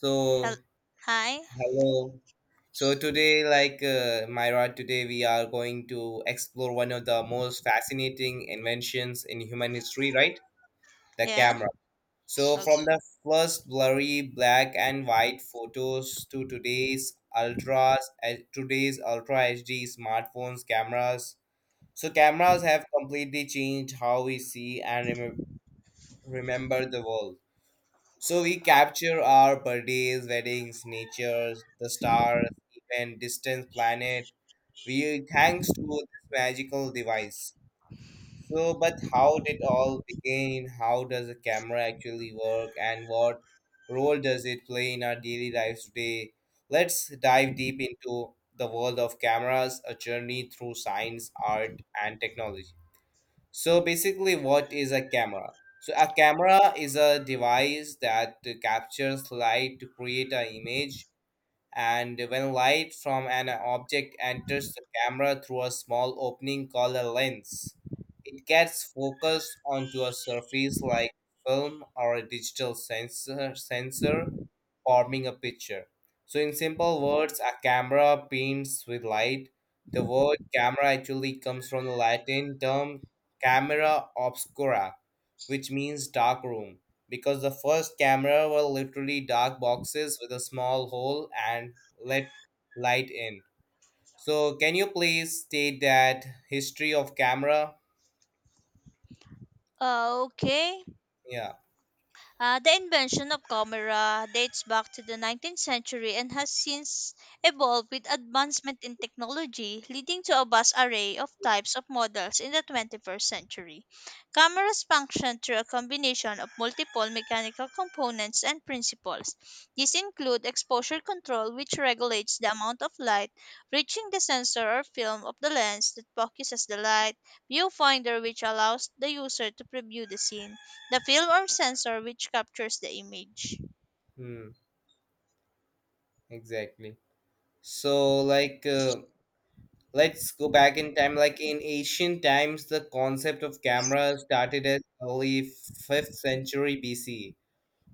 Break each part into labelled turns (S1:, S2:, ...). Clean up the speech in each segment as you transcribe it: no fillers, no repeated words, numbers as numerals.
S1: So,
S2: Hel- Hi.
S1: hello. So today, Myra, today we are going to explore one of the most fascinating inventions in human history, right? The
S2: Yeah.
S1: camera. So, from
S2: Okay.
S1: the first blurry black and white photos to today's ultra HD smartphones, cameras. So, cameras have completely changed how we remember the world. So we capture our birthdays, weddings, natures, the stars, even distant planet. We thanks to this magical device. So, but how did all begin? How does a camera actually work, and what role does it play in our daily lives today? Let's dive deep into the world of cameras, a journey through science, art, and technology. So basically, what is a camera? So a camera is a device that captures light to create an image, and when light from an object enters the camera through a small opening called a lens, it gets focused onto a surface like film or a digital sensor, forming a picture. So, in simple words, a camera paints with light. The word camera actually comes from the Latin term camera obscura, which means dark room, because the first camera were literally dark boxes with a small hole and let light in. So can you please state that history of camera?
S2: Okay.
S1: Yeah.
S2: The invention of camera dates back to the 19th century and has since evolved with advancement in technology, leading to a vast array of types of models in the 21st century. Cameras function through a combination of multiple mechanical components and principles. These include exposure control, which regulates the amount of light reaching the sensor or film of the lens that focuses the light, viewfinder, which allows the user to preview the scene the film or sensor which captures the image.
S1: Hmm. Exactly. So let's go back in time. Like in ancient times, the concept of camera started as early fifth century B.C.,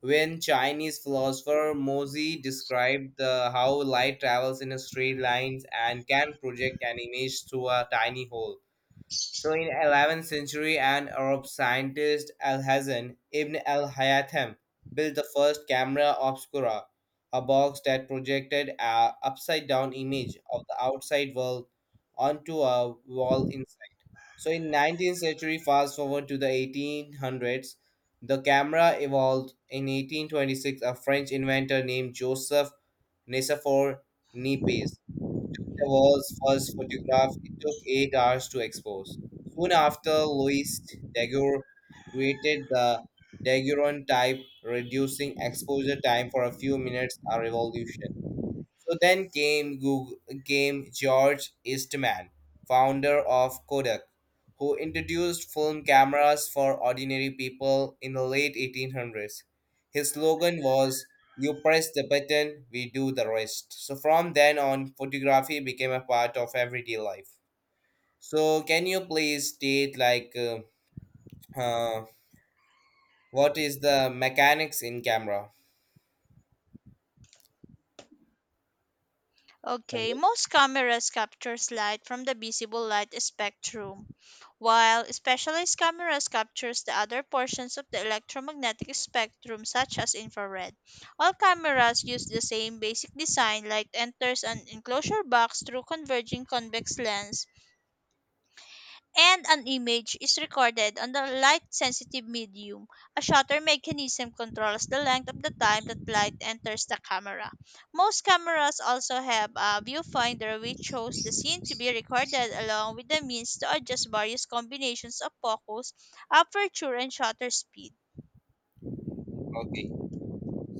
S1: when Chinese philosopher Mozi described the, how light travels in a straight lines and can project an image through a tiny hole. So in 11th century, an Arab scientist Al-Hazan ibn al-Haytham built the first camera obscura, a box that projected a upside-down image of the outside world onto a wall in so in 19th century, fast forward to the 1800s, the camera evolved. In 1826, a French inventor named Joseph Nicephore Niepce the world's first photograph. It took 8 hours to expose. Soon after, Louis Daguerre created the daguerreotype, reducing exposure time for a few minutes. A revolution. So came George Eastman, founder of Kodak, who introduced film cameras for ordinary people in the late 1800s. His slogan was "You press the button, we do the rest." So from then on, photography became a part of everyday life. So can you please state uh, what is the mechanics in camera?
S2: Okay,
S1: Hello.
S2: most cameras captures light from the visible light spectrum, while specialized cameras captures the other portions of the electromagnetic spectrum such as infrared. All cameras use the same basic design light enters an enclosure box through converging convex lens and an image is recorded on the light sensitive medium. A shutter mechanism controls the length of the time that light enters the camera. Most cameras also have a viewfinder which shows the scene to be recorded along with the means to adjust various combinations of focus, aperture, and shutter speed.
S1: Okay.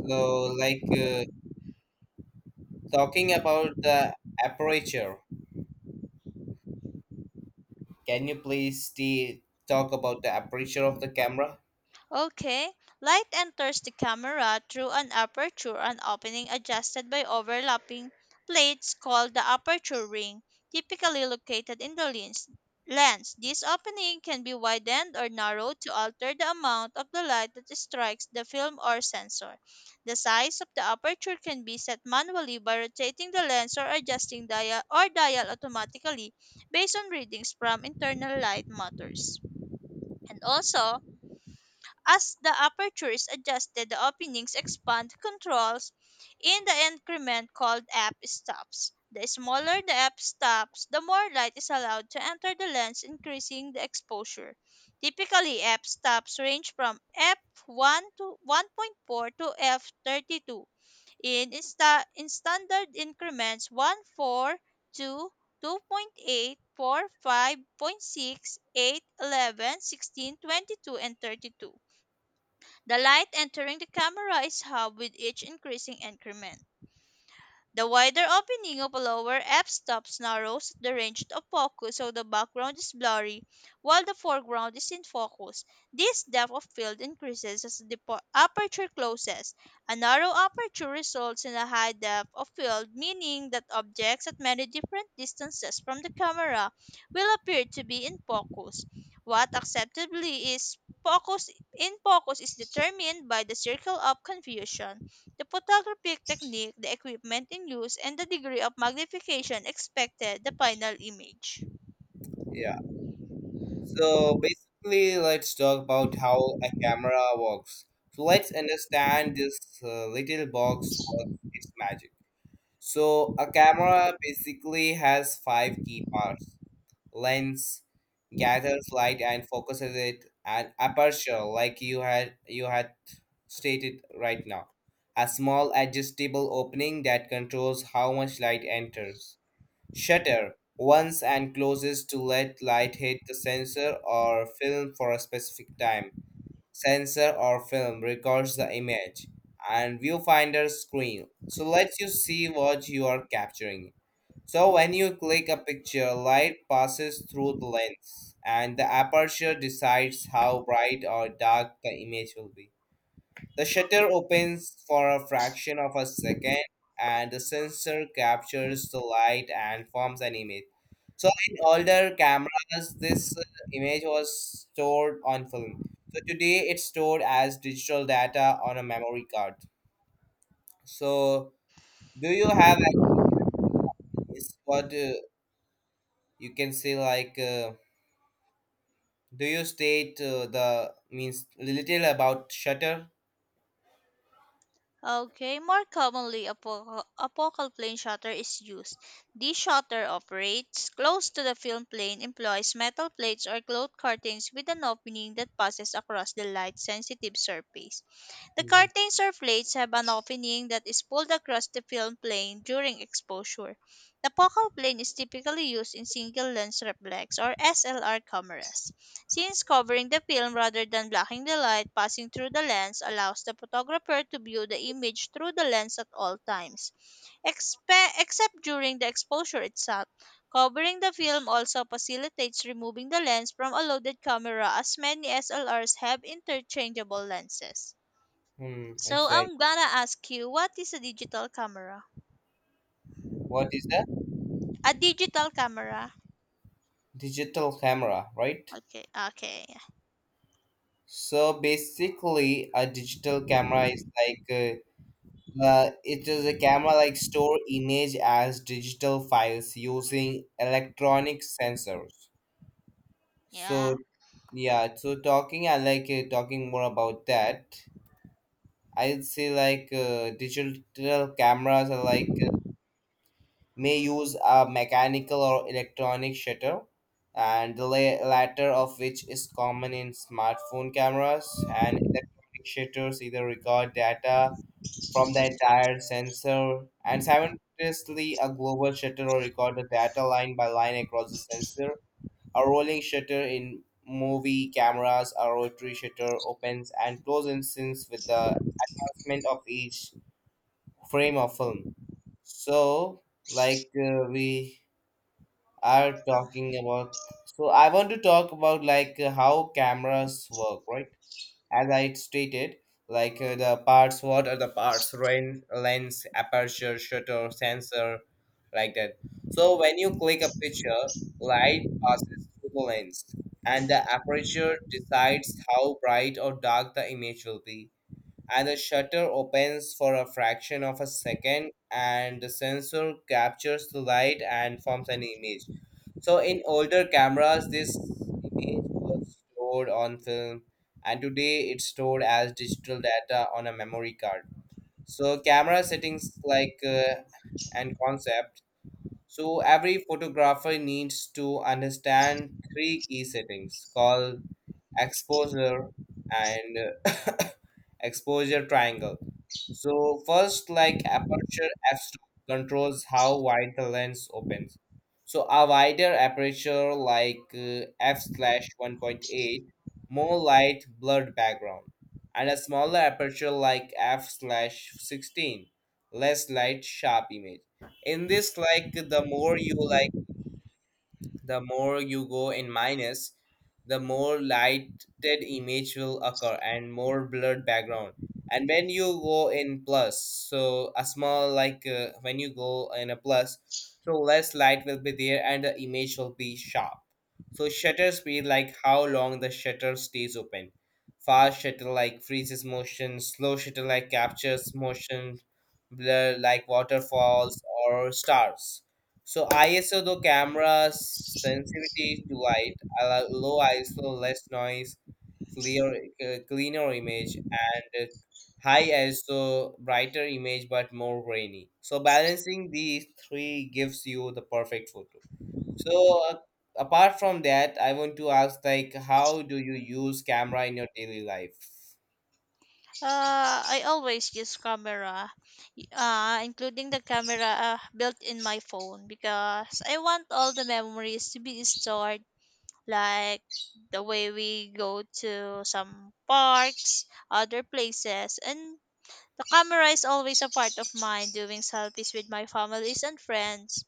S1: So talking about the aperture. Can you please talk about the aperture of the camera?
S2: Okay, light enters the camera through an aperture an opening adjusted by overlapping plates called the aperture ring, typically located in the lens. This opening can be widened or narrowed to alter the amount of the light that strikes the film or sensor. The size of the aperture can be set manually by rotating the lens or adjusting dial automatically based on readings from internal light matters. And also, as the aperture is adjusted, the openings expand. Controls in the increment called f stops. The smaller the f stops, the more light is allowed to enter the lens, increasing the exposure. Typically, f stops range from f1 to 1.4 to f32. In standard increments 1, point 4, to 2, point eight, four, 5.6, eight, 11, 16, 22, and 32. The light entering the camera is halved with each increasing increment. The wider opening of a lower f stop narrows the range of focus so the background is blurry while the foreground is in focus. This depth of field increases as the aperture closes. A narrow aperture results in a high depth of field, meaning that objects at many different distances from the camera will appear to be in focus. What acceptably is focus in focus is determined by the circle of confusion. The photographic technique, the equipment in use, and the degree of magnification expected the final image.
S1: Yeah. So basically, let's talk about how a camera works. So let's understand this little box works its magic. So a camera basically has five key parts: lens, gathers light and focuses it, and aperture, like you had stated right now. A small adjustable opening that controls how much light enters. Shutter opens and closes to let light hit the sensor or film for a specific time, sensor or film records the image, and viewfinder screen so lets you see what you are capturing. So when you click a picture, light passes through the lens, and the aperture decides how bright or dark the image will be. The shutter opens for a fraction of a second, and the sensor captures the light and forms an image. So, in older cameras, this image was stored on film. So, today it's stored as digital data on a memory card. So, do you have at least what you can say do you state the means little about shutter?
S2: Okay, more commonly a, a focal plane shutter is used. This shutter operates close to the film plane, employs metal plates or cloth curtains with an opening that passes across the light sensitive surface. The
S1: Hmm,
S2: curtains or plates have an opening that is pulled across the film plane during exposure. The focal plane is typically used in single lens reflex or SLR cameras, since covering the film rather than blocking the light passing through the lens allows the photographer to view the image through the lens at all times, except during the exposure itself. Covering the film also facilitates removing the lens from a loaded camera as many SLRs have interchangeable lenses.
S1: hmm,
S2: So
S1: exactly.
S2: I'm gonna ask you, what is a digital camera?
S1: What is the
S2: A digital camera.
S1: digital camera, right?
S2: Okay. Okay.
S1: So basically, a digital camera is it is a camera like store image as digital files using electronic sensors. So
S2: Yeah.
S1: yeah, so talking more about that. I'd say digital cameras are may use a mechanical or electronic shutter, and the latter of which is common in smartphone cameras, and electronic shutters either record data from the entire sensor, and simultaneously a global shutter will record the data line by line across the sensor. A rolling shutter in movie cameras, a rotary shutter opens and closes in sync with the advancement of each frame of film. So, we are
S2: Um,
S1: talking about, so I want to talk about how cameras work, right? As I stated, the parts, what are the parts? Rain, lens, aperture, shutter, sensor, like that. So when you click a picture, light passes through the lens, and the aperture decides how bright or dark the image will be, and the shutter opens for a fraction of a second, and the sensor captures the light and forms an image. So in older cameras, this image was stored on film, and today it's stored as digital data on a memory card. So camera settings and concept, so every photographer needs to understand three key settings called exposure and uh, exposure triangle. So first, like aperture f-stop controls how wide the lens opens. So a wider aperture f slash 1.8, more light, blurred background, and a smaller aperture like f slash 16, less light, sharp image. In this, like the more you go in minus, the more lighted image will occur and more blurred background. And when you go in plus, so a small when you go in a plus, so less light will be there and the image will be sharp. So shutter speed like how long the shutter stays open. Fast shutter like freezes motion, slow shutter like captures motion, blur like waterfalls or stars. So ISO though cameras sensitivity to light, allow low ISO, less noise, clear cleaner image, and high ISO, brighter image but more grainy. So balancing these three gives you the perfect photo. So apart from that, I want to ask like, how do you use camera in your daily life?
S2: I always use camera, including the camera built in my phone because I want all the memories to be stored, like the way we go to some parks, other places, and the camera is always a part of mine doing selfies with my families and friends.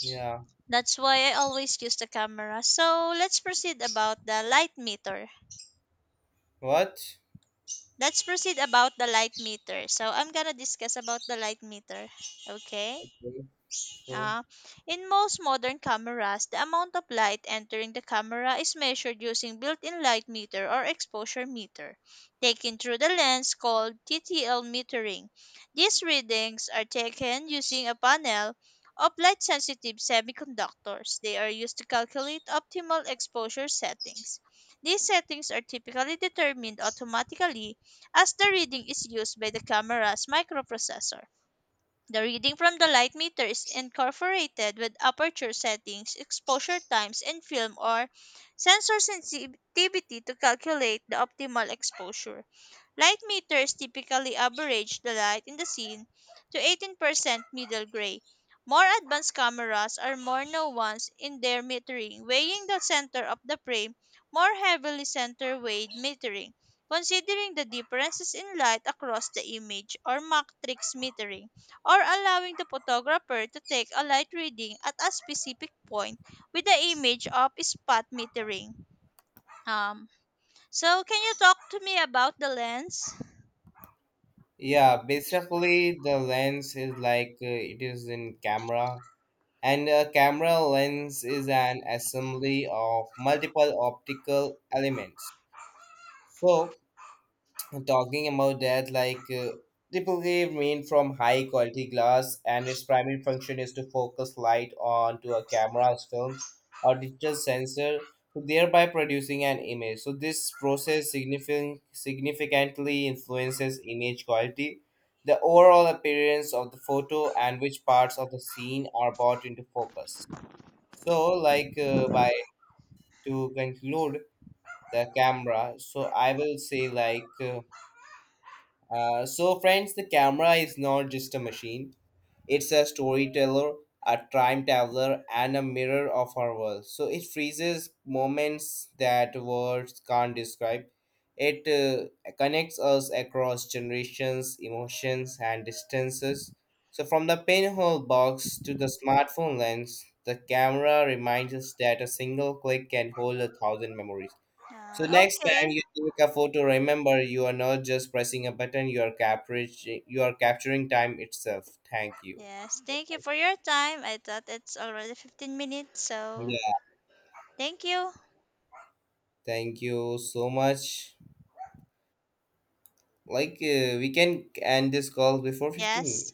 S1: Yeah.
S2: That's why I always use the camera. So let's proceed about the light meter.
S1: What?
S2: Let's proceed about the light meter. So I'm gonna discuss about the light meter. Okay.
S1: Okay. So.
S2: Uh, in most modern cameras, the amount of light entering the camera is measured using built-in light meter or exposure meter, taken through the lens called TTL metering. These readings are taken using a panel of light-sensitive semiconductors. They are used to calculate optimal exposure settings. These settings are typically determined automatically as the reading is used by the camera's microprocessor. The reading from the light meter is incorporated with aperture settings, exposure times, and film or sensor sensitivity to calculate the optimal exposure. Light meters typically average the light in the scene to 18% middle gray. More advanced cameras are more nuanced in their metering, weighing the center of the frame more heavily center weight metering, considering the differences in light across the image or matrix metering, or allowing the photographer to take a light reading at a specific point with the image of spot metering. Um, so, can you talk to me about the lens?
S1: Yeah, basically the lens is it is in camera, and a camera lens is an assembly of multiple optical elements. So talking about that, triple wave made from high quality glass, and its primary function is to focus light onto a camera's film or digital sensor, thereby producing an image. So this process significantly influences image quality, the overall appearance of the photo, and which parts of the scene are brought into focus. So, like by to conclude the camera, so I will say like. So, friends, the camera is not just a machine, it's a storyteller, a time traveler, and a mirror of our world. So, it freezes moments that words can't describe. It Connects us across generations, emotions, and distances. So, from the pinhole box to the smartphone lens, the camera reminds us that a single click can hold a thousand memories. So next time
S2: Okay.
S1: you take a photo, remember, you are not just pressing a button, you are capturing time itself. Thank you.
S2: Yes, thank you for your time. I thought it's already 15 minutes, so
S1: Yeah,
S2: thank you.
S1: thank you so much. We can end this call before 15 minutes.
S2: Yes.